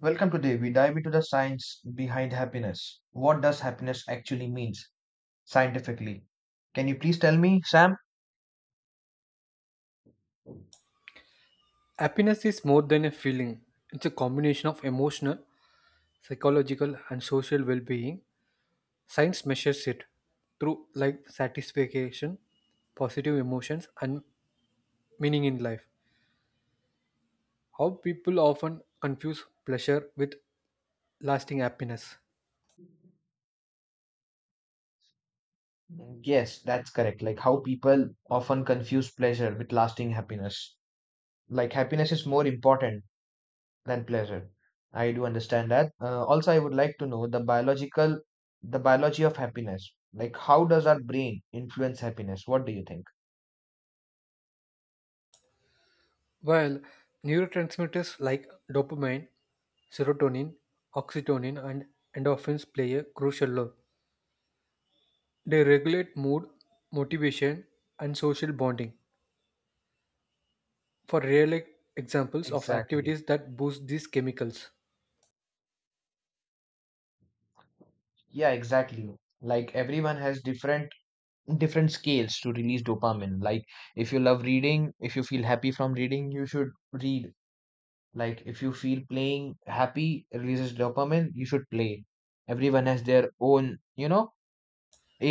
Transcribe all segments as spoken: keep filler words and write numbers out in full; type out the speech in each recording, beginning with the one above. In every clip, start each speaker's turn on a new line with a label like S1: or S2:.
S1: Welcome today. We dive into the science behind happiness. What does happiness actually means scientifically? Can you please tell me, Sam?
S2: Happiness is more than a feeling, it's a combination of emotional, psychological, and social well being. Science measures it through like satisfaction, positive emotions, and meaning in life. How people often confuse pleasure with lasting happiness.
S1: Yes, that's correct. Like how people often confuse pleasure with lasting happiness. Like happiness is more important than pleasure. I do understand that. Uh, also, I would like to know the biological, the biology of happiness. Like how does our brain influence happiness? What do you think?
S2: While neurotransmitters like dopamine, serotonin, oxytocin, and endorphins play a crucial role, they regulate mood, motivation, and social bonding. for real e- examples of
S1: Exactly.
S2: activities that boost these chemicals.
S1: Yeah, exactly. Like everyone has different different scales to release dopamine. Like if you love reading, if you feel happy from reading, you should read. Like if you feel playing happy releases dopamine, you should play. Everyone has their own, you know,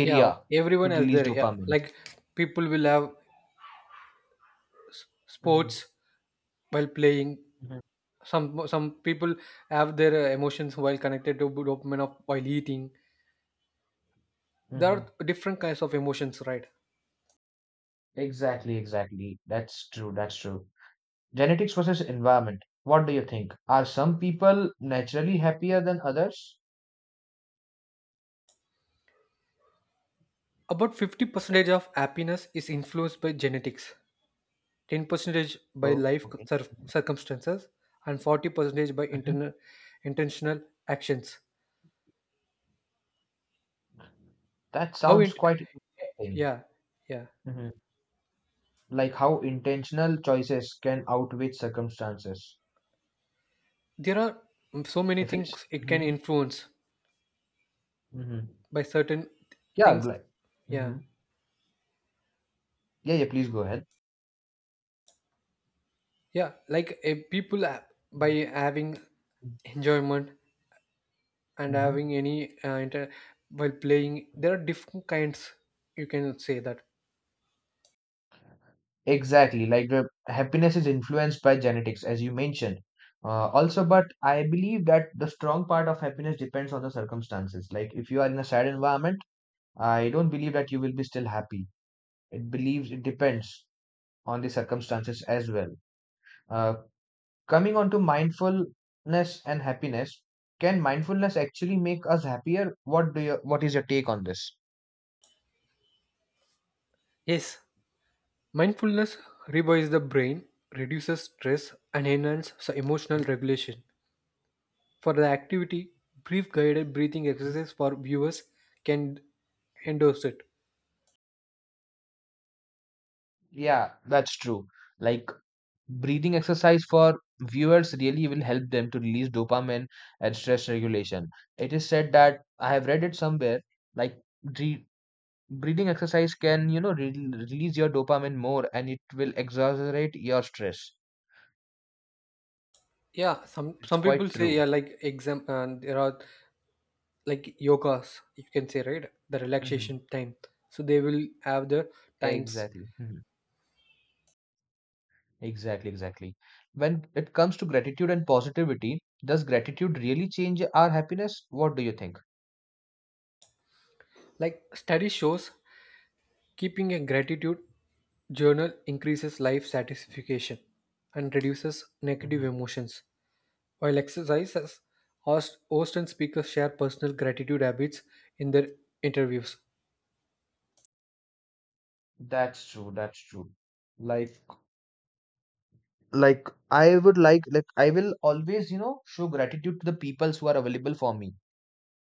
S2: Yeah,
S1: to
S2: everyone has
S1: release
S2: their yeah,
S1: dopamine.
S2: like people will have
S1: hmm
S2: sports while playing.
S1: hmm
S2: Some some people have their uh, emotions while connected to dopamine of while eating. There
S1: hmm
S2: are different kinds of emotions, right?
S1: Exactly, exactly. That's true, that's true. Genetics versus environment. What do you think? Are some people naturally happier than others?
S2: About fifty percentage of happiness is influenced by genetics, ten percentage by
S1: Oh,
S2: life
S1: okay.
S2: cir- circumstances, and forty percentage by
S1: Mhm.
S2: interna- intentional actions.
S1: That
S2: How
S1: sounds
S2: it?
S1: quite interesting.
S2: Yeah, yeah.
S1: Like how intentional choices can outweigh circumstances.
S2: There are so many
S1: If it's
S2: things it can
S1: Mhm,
S2: influence
S1: mhm.
S2: by certain
S1: Yeah,
S2: things.
S1: like,
S2: Yeah,
S1: mhm. Yeah, yeah. Please go ahead.
S2: yeah, like a people ha- by having
S1: Hmm.
S2: enjoyment and having any uh, inter- while playing, there are different kinds, you can say that.
S1: Exactly, like the happiness is influenced by genetics, as you mentioned. Uh, also, but I believe that the strong part of happiness depends on the circumstances. Like if you are in a sad environment, I don't believe that you will be still happy. It believes it depends on the circumstances as well. Uh, Coming on to mindfulness and happiness, can mindfulness actually make us happier? What do you, what is your take on this?
S2: Yes, mindfulness rewires the brain, reduces stress, and enhances emotional regulation. For the activity, brief guided breathing
S1: Mhm.
S2: exercise for viewers can endorse it.
S1: Yeah, that's true. Like breathing exercise for viewers really will help them to release dopamine and stress regulation. It is said that I have read it somewhere, like re breathing exercise can, you know, re release your dopamine more and it will exaggerate your stress.
S2: Yeah, some
S1: It's
S2: some people
S1: quite
S2: say
S1: true.
S2: yeah, like exam and there are like yogas, you can say, right, the
S1: Hmm.
S2: relaxation time. So they will have the times.
S1: Exactly. Mhm. Exactly, exactly. When it comes to gratitude and positivity, does gratitude really change our happiness? What do you think?
S2: Like study shows, keeping a gratitude journal increases life satisfaction and reduces negative
S1: Mhm.
S2: emotions. While exercises, host, host and speakers share personal gratitude habits in their interviews.
S1: That's true. That's true. Like, like I would like, like I will always, you know, show gratitude to the peoples who are available for me,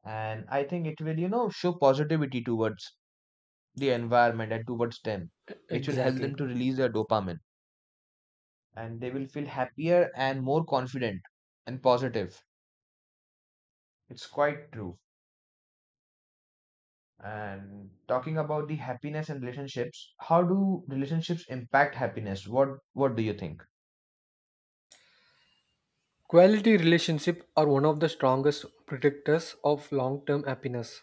S1: and I think it will, you know, show positivity towards the environment and towards them, which will help
S2: Exactly.
S1: them to release their dopamine, and they will feel happier and more confident and positive. It's quite true. And talking about the happiness and relationships, how do relationships impact happiness? What what do you think?
S2: Quality relationship are one of the strongest predictors of long-term happiness.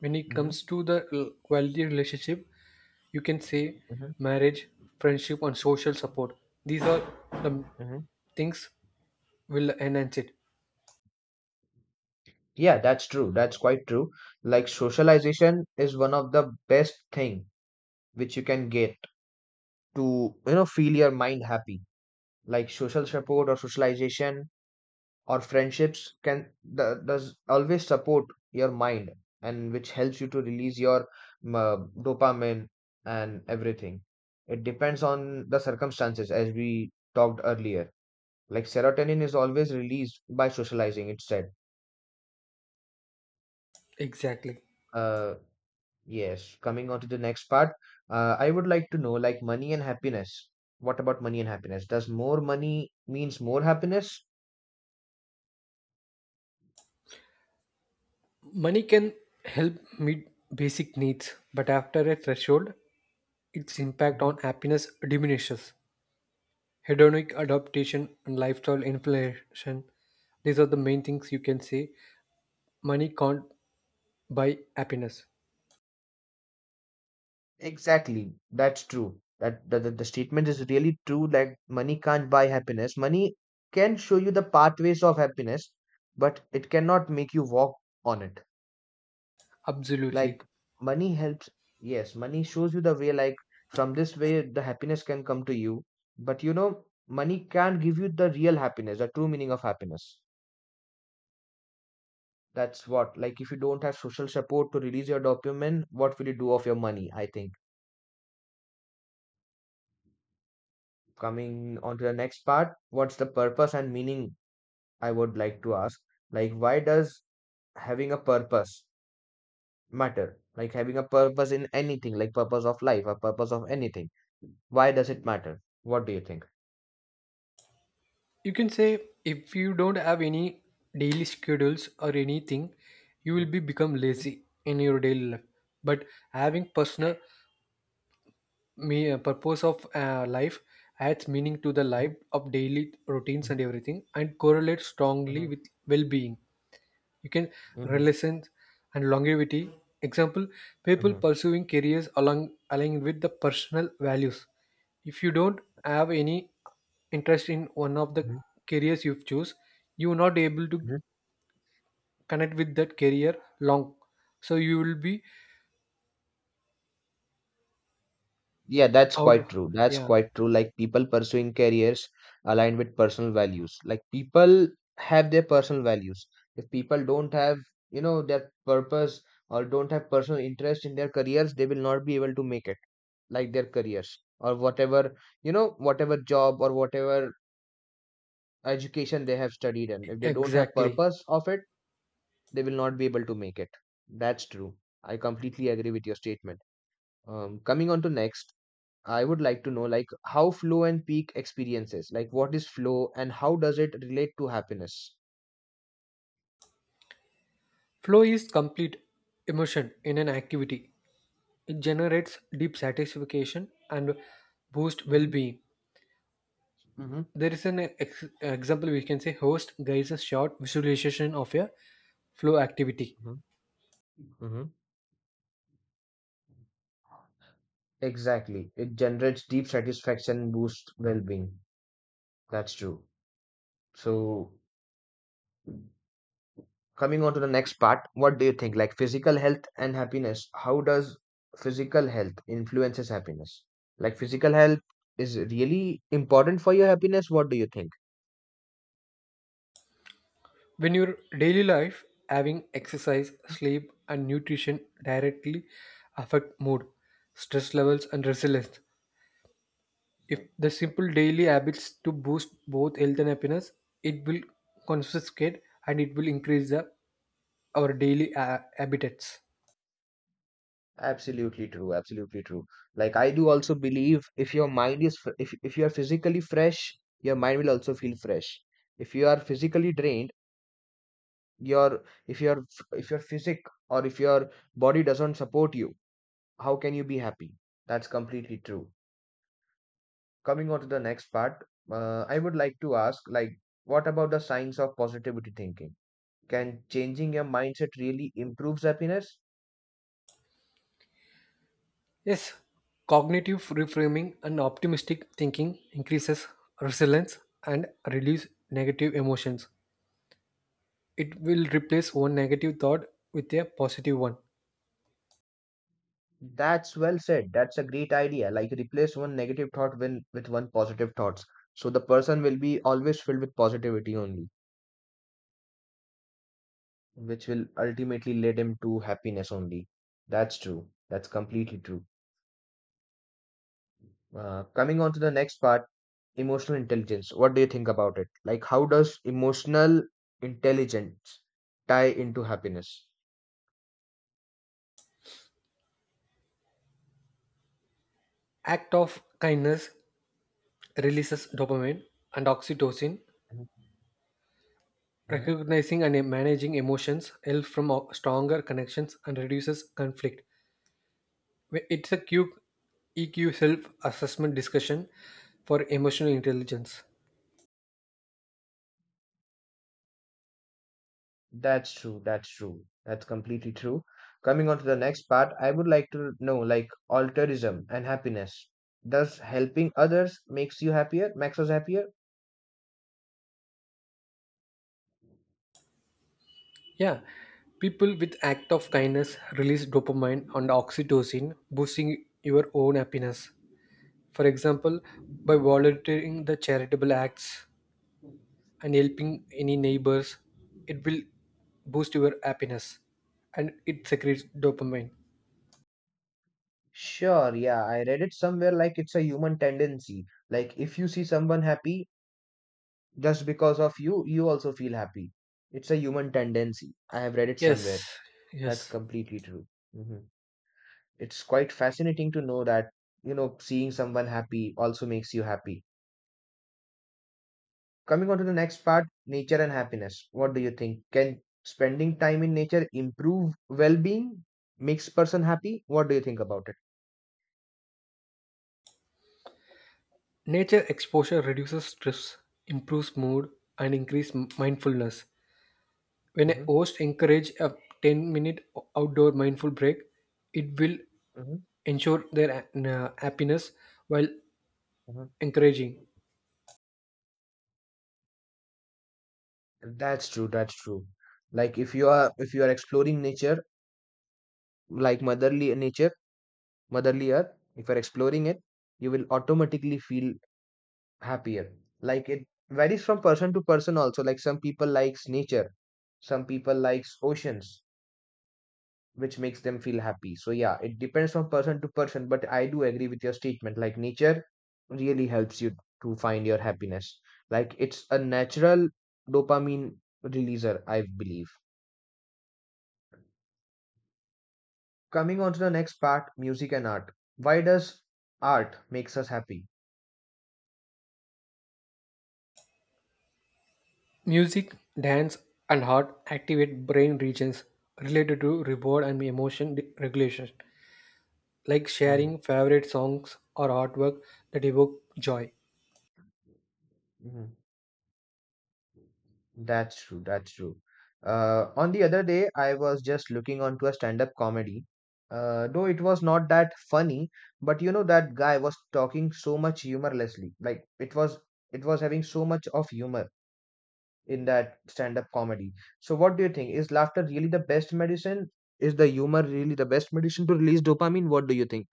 S2: When it
S1: hmm
S2: comes to the l- quality relationship, you can say
S1: hmm
S2: marriage, friendship, and social support, these are the
S1: hmm
S2: things will enhance it.
S1: Yeah, that's true. That's quite true. Like socialization is one of the best thing which you can get to, you know, feel your mind happy. Like social support or socialization or friendships can the, does always support your mind, and which helps you to release your um, uh, dopamine and everything. It depends on the circumstances as we talked earlier, like serotonin is always released by socializing, it said.
S2: Exactly.
S1: uh yes, coming on to the next part. uh, I would like to know, like, money and happiness. What about money and happiness? Does more money means more happiness?
S2: Money can help meet basic needs, but after a threshold its impact on happiness diminishes. Hedonic adaptation and lifestyle inflation, these are the main things, you can say money can't buy happiness.
S1: Exactly. That's true. That, the that the statement is really true. Like money can't buy happiness. Money can show you the pathways of happiness, but it cannot make you walk on it.
S2: Absolutely.
S1: Like money helps. Yes, money shows you the way. Like from this way, the happiness can come to you. But you know, money can't give you the real happiness, the true meaning of happiness. That's what. Like if you don't have social support to release your dopamine, what will you do of your money? I think. Coming on to the next part, what's the purpose and meaning. I would like to ask, like, why does having a purpose matter? Like having a purpose in anything, like purpose of life or purpose of anything. Why does it matter? What do you think?
S2: You can say if you don't have any daily schedules or anything, you will
S1: Mhm,
S2: be become
S1: mhm,
S2: lazy in your daily life. But having personal
S1: correct.
S2: me uh, purpose of uh, life adds meaning to the life
S1: Mhm,
S2: of daily routines and
S1: mhm,
S2: everything, and correlates strongly
S1: mhm,
S2: with well-being. You can
S1: mhm,
S2: relevance and longevity. Example: people
S1: mhm,
S2: pursuing careers along aligned with the personal values. If you don't have any interest in one of the
S1: mhm,
S2: careers you've choose, you are not able to
S1: mhm.
S2: connect with that career long. So you will be
S1: Yeah, that's
S2: out.
S1: quite true. That's
S2: Yeah,
S1: quite true. Like people pursuing careers aligned with personal values. Like people have their personal values. If people don't have, you know, their purpose or don't have personal interest in their careers, they will not be able to make it. Like their careers or whatever, you know, whatever job or whatever education they have studied in, if they don't have
S2: exactly.
S1: purpose of it, they will not be able to make it. That's true. I completely agree with your statement. Um, coming on to next, I would like to know, like, how flow and peak experiences, like what is flow and how does it relate to happiness?
S2: Flow is complete immersion in an activity. It generates deep satisfaction and boosts
S1: hmm
S2: well-being.
S1: hmm
S2: There is an ex- example, we can say host guides a short visualization of a flow activity.
S1: hmm hmm Exactly. It generates deep satisfaction, boosts well being. That's true. So, coming on to the next part, what do you think, like physical health and happiness? How does physical health influences happiness? Like physical health is really important for your happiness. What do you think?
S2: When your daily life, having exercise, sleep, and nutrition directly affect mood, stress levels, and resilience. If
S1: Mhm.
S2: the simple daily habits to boost both health and happiness, it will confiscate and it will increase the, our daily uh, habitats.
S1: Absolutely true. Absolutely true. Like I do also believe, if your mind is f- if, if you are physically fresh, your mind will also feel fresh. If you are physically drained, your if your f- if your physic or if your body doesn't support you, how can you be happy? That's completely true. Coming on to the next part, uh, I would like to ask, like, what about the science of positivity thinking? Can changing your mindset really improves happiness?
S2: Yes, cognitive reframing and optimistic thinking increases resilience and reduce negative emotions. It will replace one negative thought with a positive one.
S1: That's well said. That's a great idea. Like, replace one negative thought when, with one positive thoughts. So the person will be always filled with positivity only, which will ultimately lead him to happiness only. That's true. That's completely true. Uh, coming on to the next part, emotional intelligence. What do you think about it? Like, how does emotional intelligence tie into happiness?
S2: Act of kindness releases dopamine and oxytocin.
S1: Mhm, mhm.
S2: Recognizing and managing emotions helps from o- stronger connections and reduces conflict. Wh- It's a Q- E Q self-assessment discussion for emotional intelligence.
S1: That's true. That's true. That's completely true. Coming on to the next part, I would like to know, like, altruism and happiness. Does helping others makes you happier? Makes us happier?
S2: Yeah, people with act of kindness release dopamine and oxytocin, boosting your own happiness. For example, by volunteering the charitable acts and helping any neighbors, it will boost your happiness and it secretes dopamine.
S1: Sure. Yeah, I read it somewhere. Like, it's a human tendency. Like, if you see someone happy, just because of you, you also feel happy. It's a human tendency. I have read it
S2: Yes,
S1: somewhere. That's
S2: yes.
S1: completely true. Hmm. It's quite fascinating to know that, you know, seeing someone happy also makes you happy. Coming on to the next part, nature and happiness. What do you think? Can spending time in nature improve well-being, makes person happy? What do you think about it?
S2: Nature exposure reduces stress, improves mood, and increases mindfulness. When a
S1: hmm
S2: host encourages a ten minute outdoor mindful break, it will
S1: hmm
S2: ensure their uh, happiness while
S1: hmm
S2: encouraging.
S1: That's true. That's true. Like if you are if you are exploring nature, like motherly nature, motherly earth, if you're exploring it, you will automatically feel happier. Like it varies from person to person also. Like some people likes nature, some people likes oceans, which makes them feel happy. So yeah, it depends from person to person, but I do agree with your statement. Like nature really helps you to find your happiness. Like it's a natural dopamine releaser, I believe. Coming on to the next part, music and art. Why does art makes us happy?
S2: Music, dance, and art activate brain regions related to reward and emotion de- regulation, like sharing favorite songs or artwork that evoke joy.
S1: Mhm. That's true. That's true. Uh, on the other day, I was just looking onto a stand-up comedy. Uh, though it was not that funny, but you know that guy was talking so much humorlessly. Like it was, it was having so much of humor in that stand-up comedy. So what do you think? Is laughter really the best medicine? Is the humor really the best medicine to release dopamine? What do you think?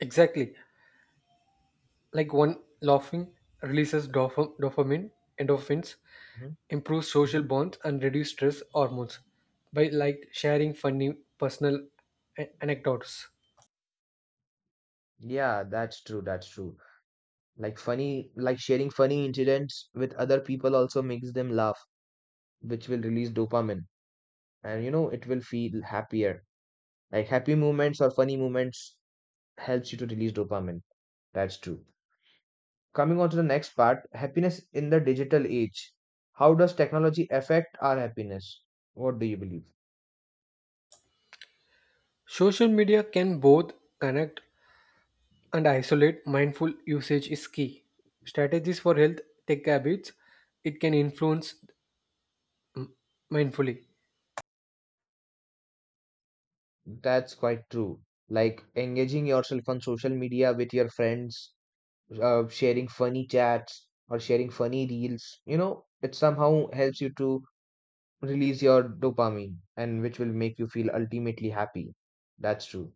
S2: Exactly, like one laughing releases dopam- dopamine, endorphins,
S1: Mhm,
S2: improves social
S1: mhm.
S2: bonds, and reduce stress hormones by like sharing funny personal a- anecdotes.
S1: Yeah, that's true. That's true. Like funny, like sharing funny incidents with other people also makes them laugh, which will release dopamine, and you know it will feel happier. Like happy moments or funny moments helps you to release dopamine. That's true. Coming on to the next part, happiness in the digital age. How does technology affect our happiness? What do you believe?
S2: Social media can both connect and isolate, mindful usage is key. Strategies for health tech habits, it can influence mindfully.
S1: That's quite true. Like engaging yourself on social media with your friends, uh, sharing funny chats or sharing funny reels, you know, it somehow helps you to release your dopamine, and which will make you feel ultimately happy. That's true.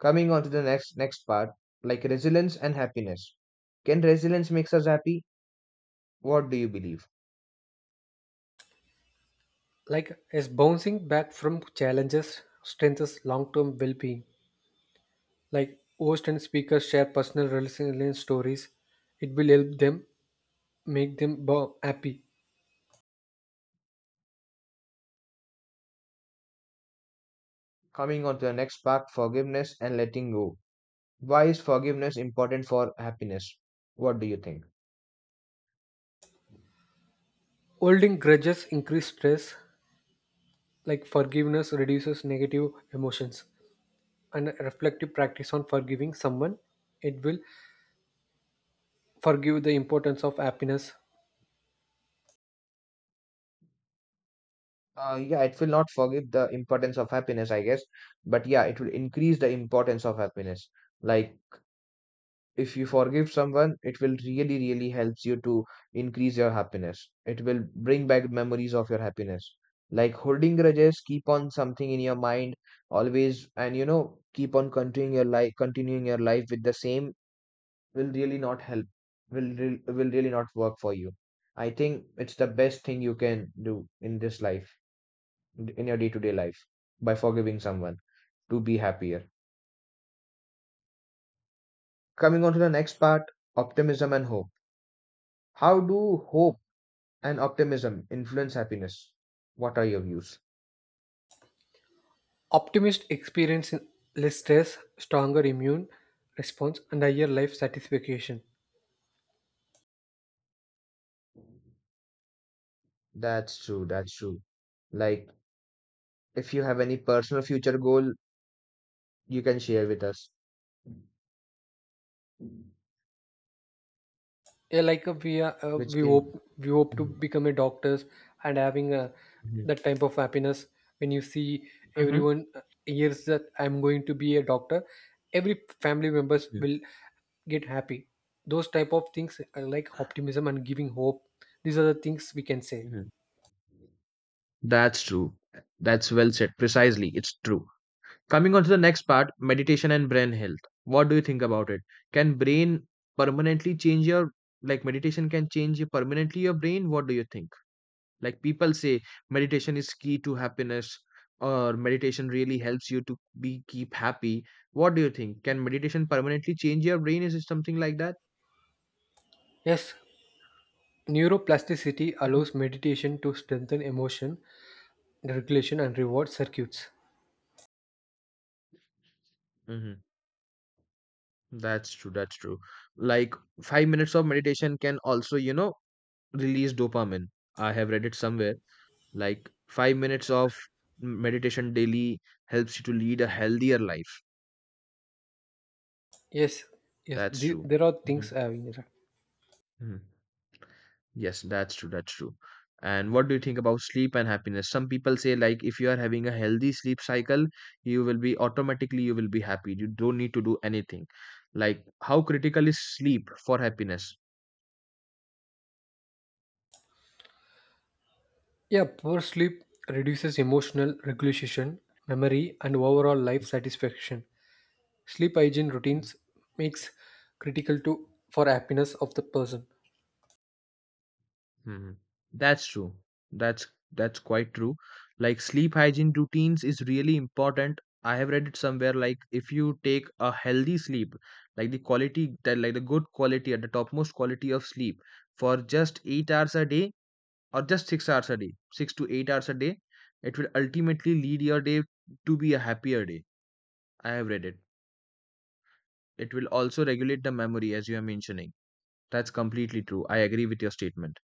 S1: Coming on to the next next part, like resilience and happiness. Can resilience makes us happy? What do you believe?
S2: Like as bouncing back from challenges strengthens long-term well-being. Like host and speakers share personal resilience stories, it will help them make them bo- happy.
S1: Coming on to the next part, forgiveness and letting go. Why is forgiveness important for happiness? What do you think?
S2: Holding grudges increase stress. Like forgiveness reduces negative emotions, and a reflective practice on forgiving someone, it will forgive the importance of happiness.
S1: Uh, yeah, it will not forgive the importance of happiness, I guess, but yeah, it will increase the importance of happiness. Like if you forgive someone, it will really really helps you to increase your happiness. It will bring back memories of your happiness. Like holding grudges keep on something in your mind always, and you know, keep on continuing your life continuing your life with the same will really not help, will re- will really not work for you. I think it's the best thing you can do in this life, in your day to day life, by forgiving someone, to be happier. Coming on to the next part, optimism and hope. How do hope and optimism influence happiness? What are your views?
S2: Optimists experience less stress, stronger immune response, and higher life satisfaction.
S1: That's true. That's true. Like, if you have any personal future goal, you can share with us,
S2: Yeah, like uh, we are, uh,
S1: which
S2: we
S1: in
S2: hope we hope to
S1: mhm,
S2: become a doctors, and having uh,
S1: mhm,
S2: that type of happiness when you see
S1: mhm,
S2: everyone uh, hears that I'm going to be a doctor. Every family members
S1: mhm,
S2: will get happy. Those type of things are like optimism and giving hope. These are the things we can say.
S1: mhm. That's true. That's well said. Precisely. It's true. Coming on to the next part, meditation and brain health. What do you think about it? Can brain permanently change your, like meditation can change your permanently your brain? What do you think? Like people say, meditation is key to happiness, or meditation really helps you to be keep happy. What do you think? Can meditation permanently change your brain? Is it something like that?
S2: Yes, neuroplasticity allows meditation to strengthen emotion regulation and reward circuits.
S1: Mm-hmm. That's true. That's true. Like five minutes of meditation can also, you know, release dopamine. I have read it somewhere. Like five minutes of m- meditation daily helps you to lead a healthier life.
S2: Yes, yes,
S1: That's
S2: the,
S1: true.
S2: there are
S1: Hmm.
S2: things I have in that.
S1: Hmm. Yes, that's true. That's true. And what do you think about sleep and happiness? Some people say like if you are having a healthy sleep cycle, you will be automatically you will be happy. You don't need to do anything. Like how critical is sleep for happiness?
S2: Yeah, poor sleep reduces emotional regulation, memory, and overall life satisfaction. Sleep hygiene routines makes critical to for happiness of the person.
S1: Hmm. That's true. That's that's quite true. Like sleep hygiene routines is really important. I have read it somewhere like if you take a healthy sleep, like the quality that like the good quality at the topmost quality of sleep for just eight hours a day, or just six hours a day, six to eight hours a day, it will ultimately lead your day to be a happier day. I have read it. It will also regulate the memory as you are mentioning. That's completely true. I agree with your statement.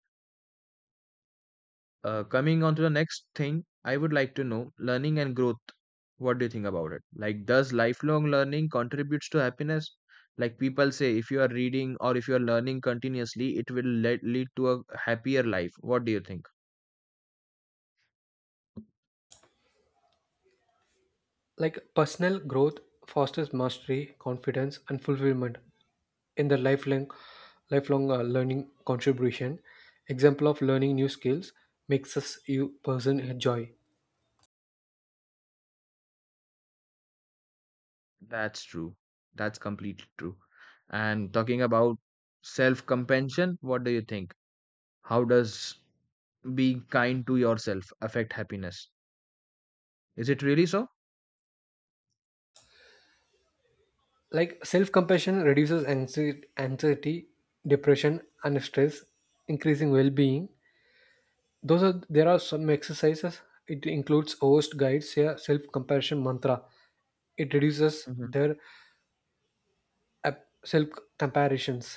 S1: Uh, coming on to the next thing, I would like to know learning and growth. What do you think about it? Like, does lifelong learning contributes to happiness? Like people say, if you are reading or if you are learning continuously, it will le- lead to a happier life. What do you think?
S2: Like personal growth fosters mastery, confidence, and fulfillment in their lifelong lifelong uh, learning contribution. Example of learning new skills makes us you person enjoy.
S1: That's true. That's completely true. And talking about self compassion, what do you think? How does being kind to yourself affect happiness? Is it really so?
S2: Like self compassion reduces anxie- anxiety, depression, and stress, increasing well being. Those are there are some exercises. It includes host guides a self compassion mantra. It reduces
S1: Hmm.
S2: their self comparisons.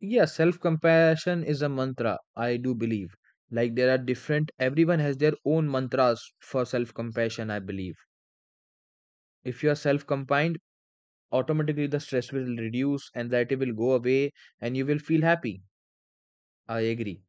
S1: Yeah, self compassion is a mantra, I do believe. Like there are different, everyone has their own mantras for self compassion, I believe. If you are self compined, automatically the stress will reduce, anxiety will go away, and you will feel happy. I agree.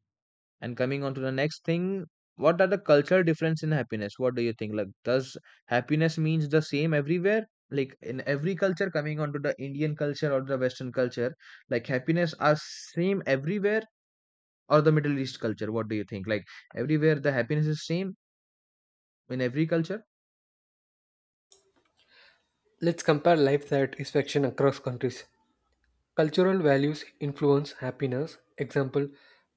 S1: And coming on to the next thing, what are the culture difference in happiness? What do you think? Like, does happiness means the same everywhere? Like in every culture, coming on to the Indian culture or the Western culture, like happiness are same everywhere or the Middle East culture? What do you think? Like everywhere the happiness is same in every culture?
S2: Let's compare life satisfaction across countries. Cultural values influence happiness. Example,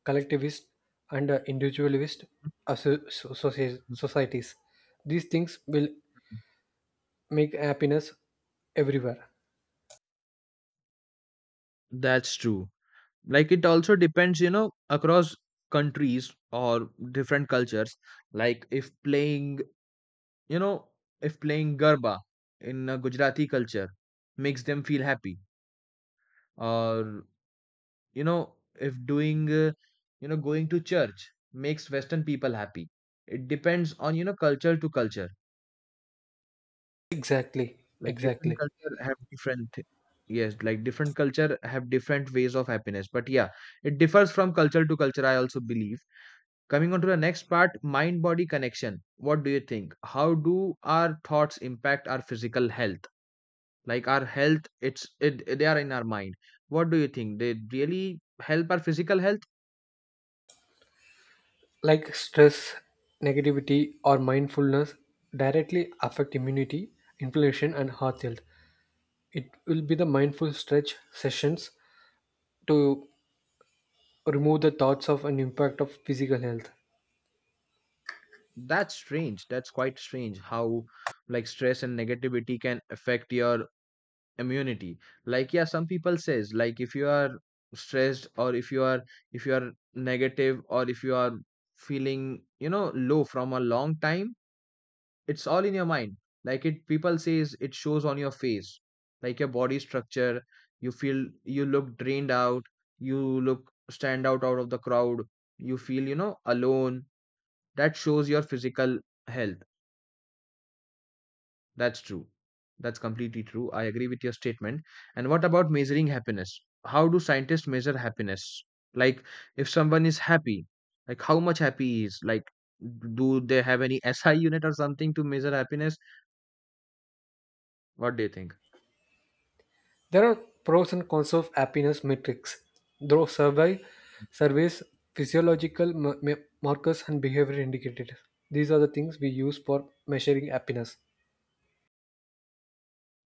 S2: collectivist and uh, individualist asso- so- socie- societies. These things will make happiness everywhere.
S1: That's true. Like it also depends, you know, across countries or different cultures. Like if playing You know, if playing Garba in a Gujarati culture makes them feel happy, or you know, if doing uh, you know going to church makes Western people happy. It depends on you know culture to culture.
S2: Exactly,
S1: Like different
S2: exactly.
S1: culture have different yes, like different culture have different ways of happiness. But yeah, it differs from culture to culture. I also believe. Coming on to the next part, mind body connection. What do you think? How do our thoughts impact our physical health? Like our health it's it, they are in our mind. What do you think they really help our physical health?
S2: Like stress, negativity, or mindfulness directly affect immunity, inflammation, and heart health. It will be the mindful stretch sessions to remove the thoughts of an impact of physical health.
S1: That's strange. That's quite strange how like stress and negativity can affect your immunity. Like yeah, some people says like if you are stressed or if you are if you are negative or if you are feeling you know low from a long time, it's all in your mind. Like it people says it shows on your face, like your body structure, you feel, you look drained out, you look stand out out of the crowd, you feel you know alone. That shows your physical health. That's true. That's completely true. I agree with your statement. And what about measuring happiness? How do scientists measure happiness? Like if someone is happy, like how much happy he is, like do they have any si unit or something to measure happiness? What do you think?
S2: There are pros and cons of happiness metrics. Though survey surveys, physiological ma- ma- markers, and behavior indicators. These are the things we use for measuring happiness.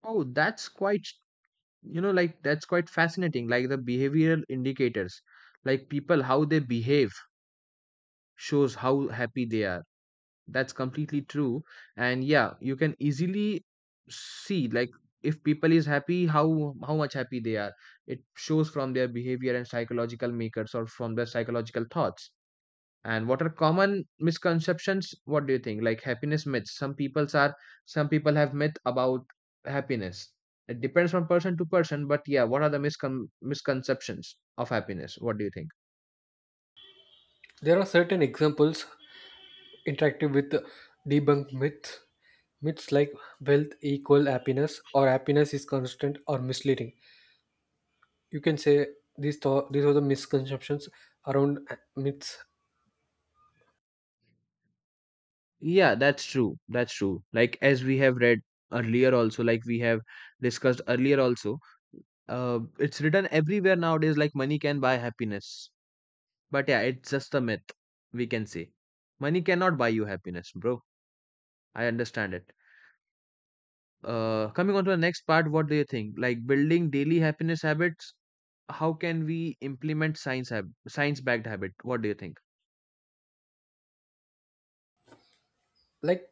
S1: Oh, that's quite, you know, like that's quite fascinating. Like the behavioral indicators, like people, how they behave shows how happy they are. That's completely true. And yeah, you can easily see like if people is happy, how how much happy they are. It shows from their behavior and psychological makers or from their psychological thoughts. And what are common misconceptions? What do you think? Like happiness myths. Some people's are some people have myth about happiness. It depends from person to person, but yeah, what are the miscon- misconceptions of happiness? What do you think?
S2: There are certain examples interactive with debunk myths. Myths like wealth equal happiness or happiness is constant or misleading. You can say these thought these are the misconceptions around myths.
S1: Yeah, that's true. That's true. Like as we have read earlier also, like we have discussed earlier also, uh, it's written everywhere nowadays like money can buy happiness. But yeah, it's just a myth, we can say. Money cannot buy you happiness, bro. I understand it. uh, coming on to the next part, what do you think? Like building daily happiness habits, how can we implement science hab- science-backed habit? What do you think?
S2: Like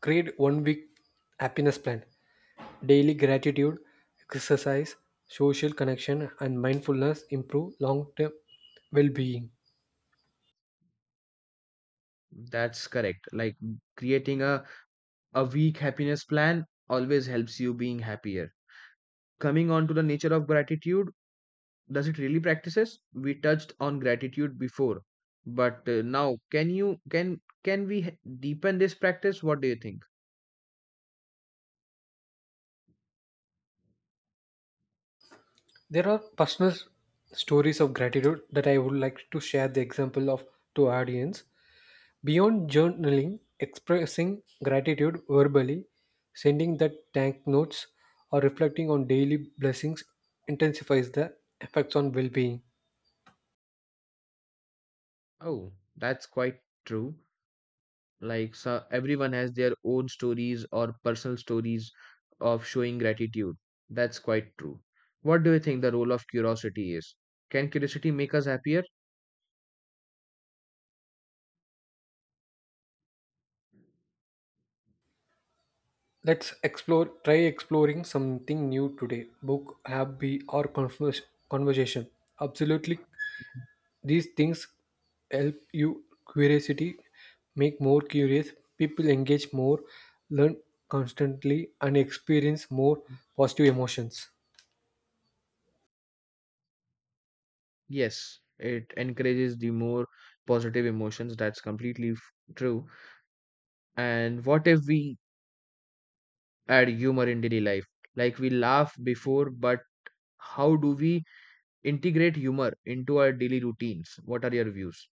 S2: create one week happiness plan, daily gratitude, exercise, social connection, and mindfulness improve long term well being.
S1: That's correct. Like creating a, a week happiness plan always helps you being happier. Coming on to the nature of gratitude, does it really practices? We touched on gratitude before, but uh, now can you can can we h- deepen this practice? What do you think?
S2: There are personal stories of gratitude that I would like to share the example of to audience. Beyond journaling, expressing gratitude verbally, sending the thank notes, or reflecting on daily blessings intensifies the effects on well being.
S1: Oh, that's quite true. Like so everyone has their own stories or personal stories of showing gratitude. That's quite true. What do you think the role of curiosity is? Can curiosity make us happier?
S2: Let's explore, try exploring something new today, book, hobby, or converse, conversation. Absolutely, these things help you curiosity, make more curious, people engage more, learn constantly, and experience more positive emotions.
S1: Yes, it encourages the more positive emotions. That's completely f- true. And what if we add humor in daily life? Like we laugh before, but how do we integrate humor into our daily routines? What are your views?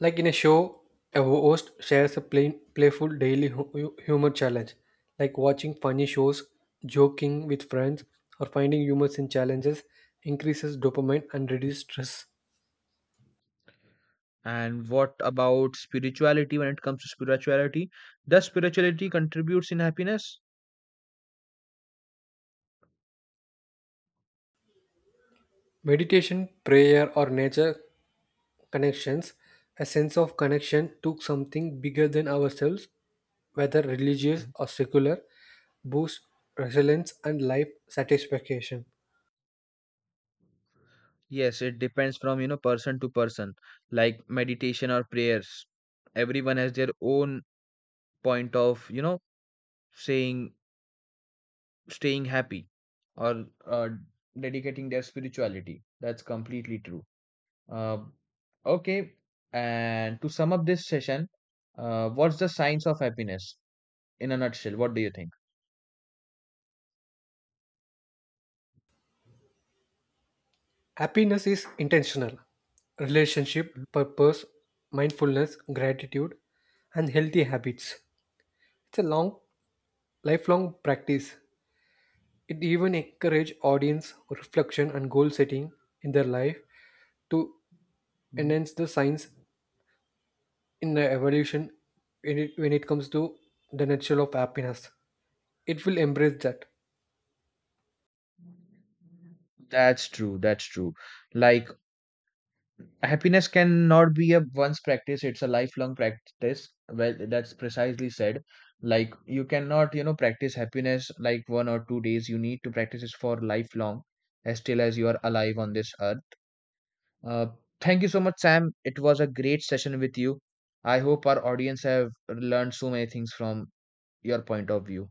S2: Like in a show, a host shares a plain, playful daily hu- hu- humor challenge, like watching funny shows, joking with friends, or finding humors in challenges increases dopamine and reduces stress.
S1: And what about spirituality when it comes to spirituality? Does spirituality contributes in happiness?
S2: Meditation, prayer, or nature connections, a sense of connection to something bigger than ourselves, whether religious or secular, boosts resilience and life satisfaction.
S1: Yes, it depends from you know person to person, like meditation or prayers. Everyone has their own point of you know saying staying happy or uh, dedicating their spirituality. That's completely true. Uh, okay, and to sum up this session, uh, what's the science of happiness in a nutshell? What do you think?
S2: Happiness is intentional. Relationship, purpose, mindfulness, gratitude, and healthy habits. It's a long, lifelong practice. It even encourages audience reflection and goal setting in their life to
S1: Mhm.
S2: enhance the science in the evolution when it, when it comes to the nature of happiness. It will embrace that.
S1: That's true. That's true. Like happiness cannot be a once practice, it's a lifelong practice. Well, that's precisely said. Like you cannot, you know, practice happiness like one or two days. You need to practice it for lifelong, as till as you are alive on this earth. Uh, thank you so much, Sam. It was a great session with you. I hope our audience have learned so many things from your point of view.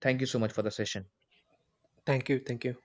S1: Thank you so much for the session.
S2: Thank you. Thank you.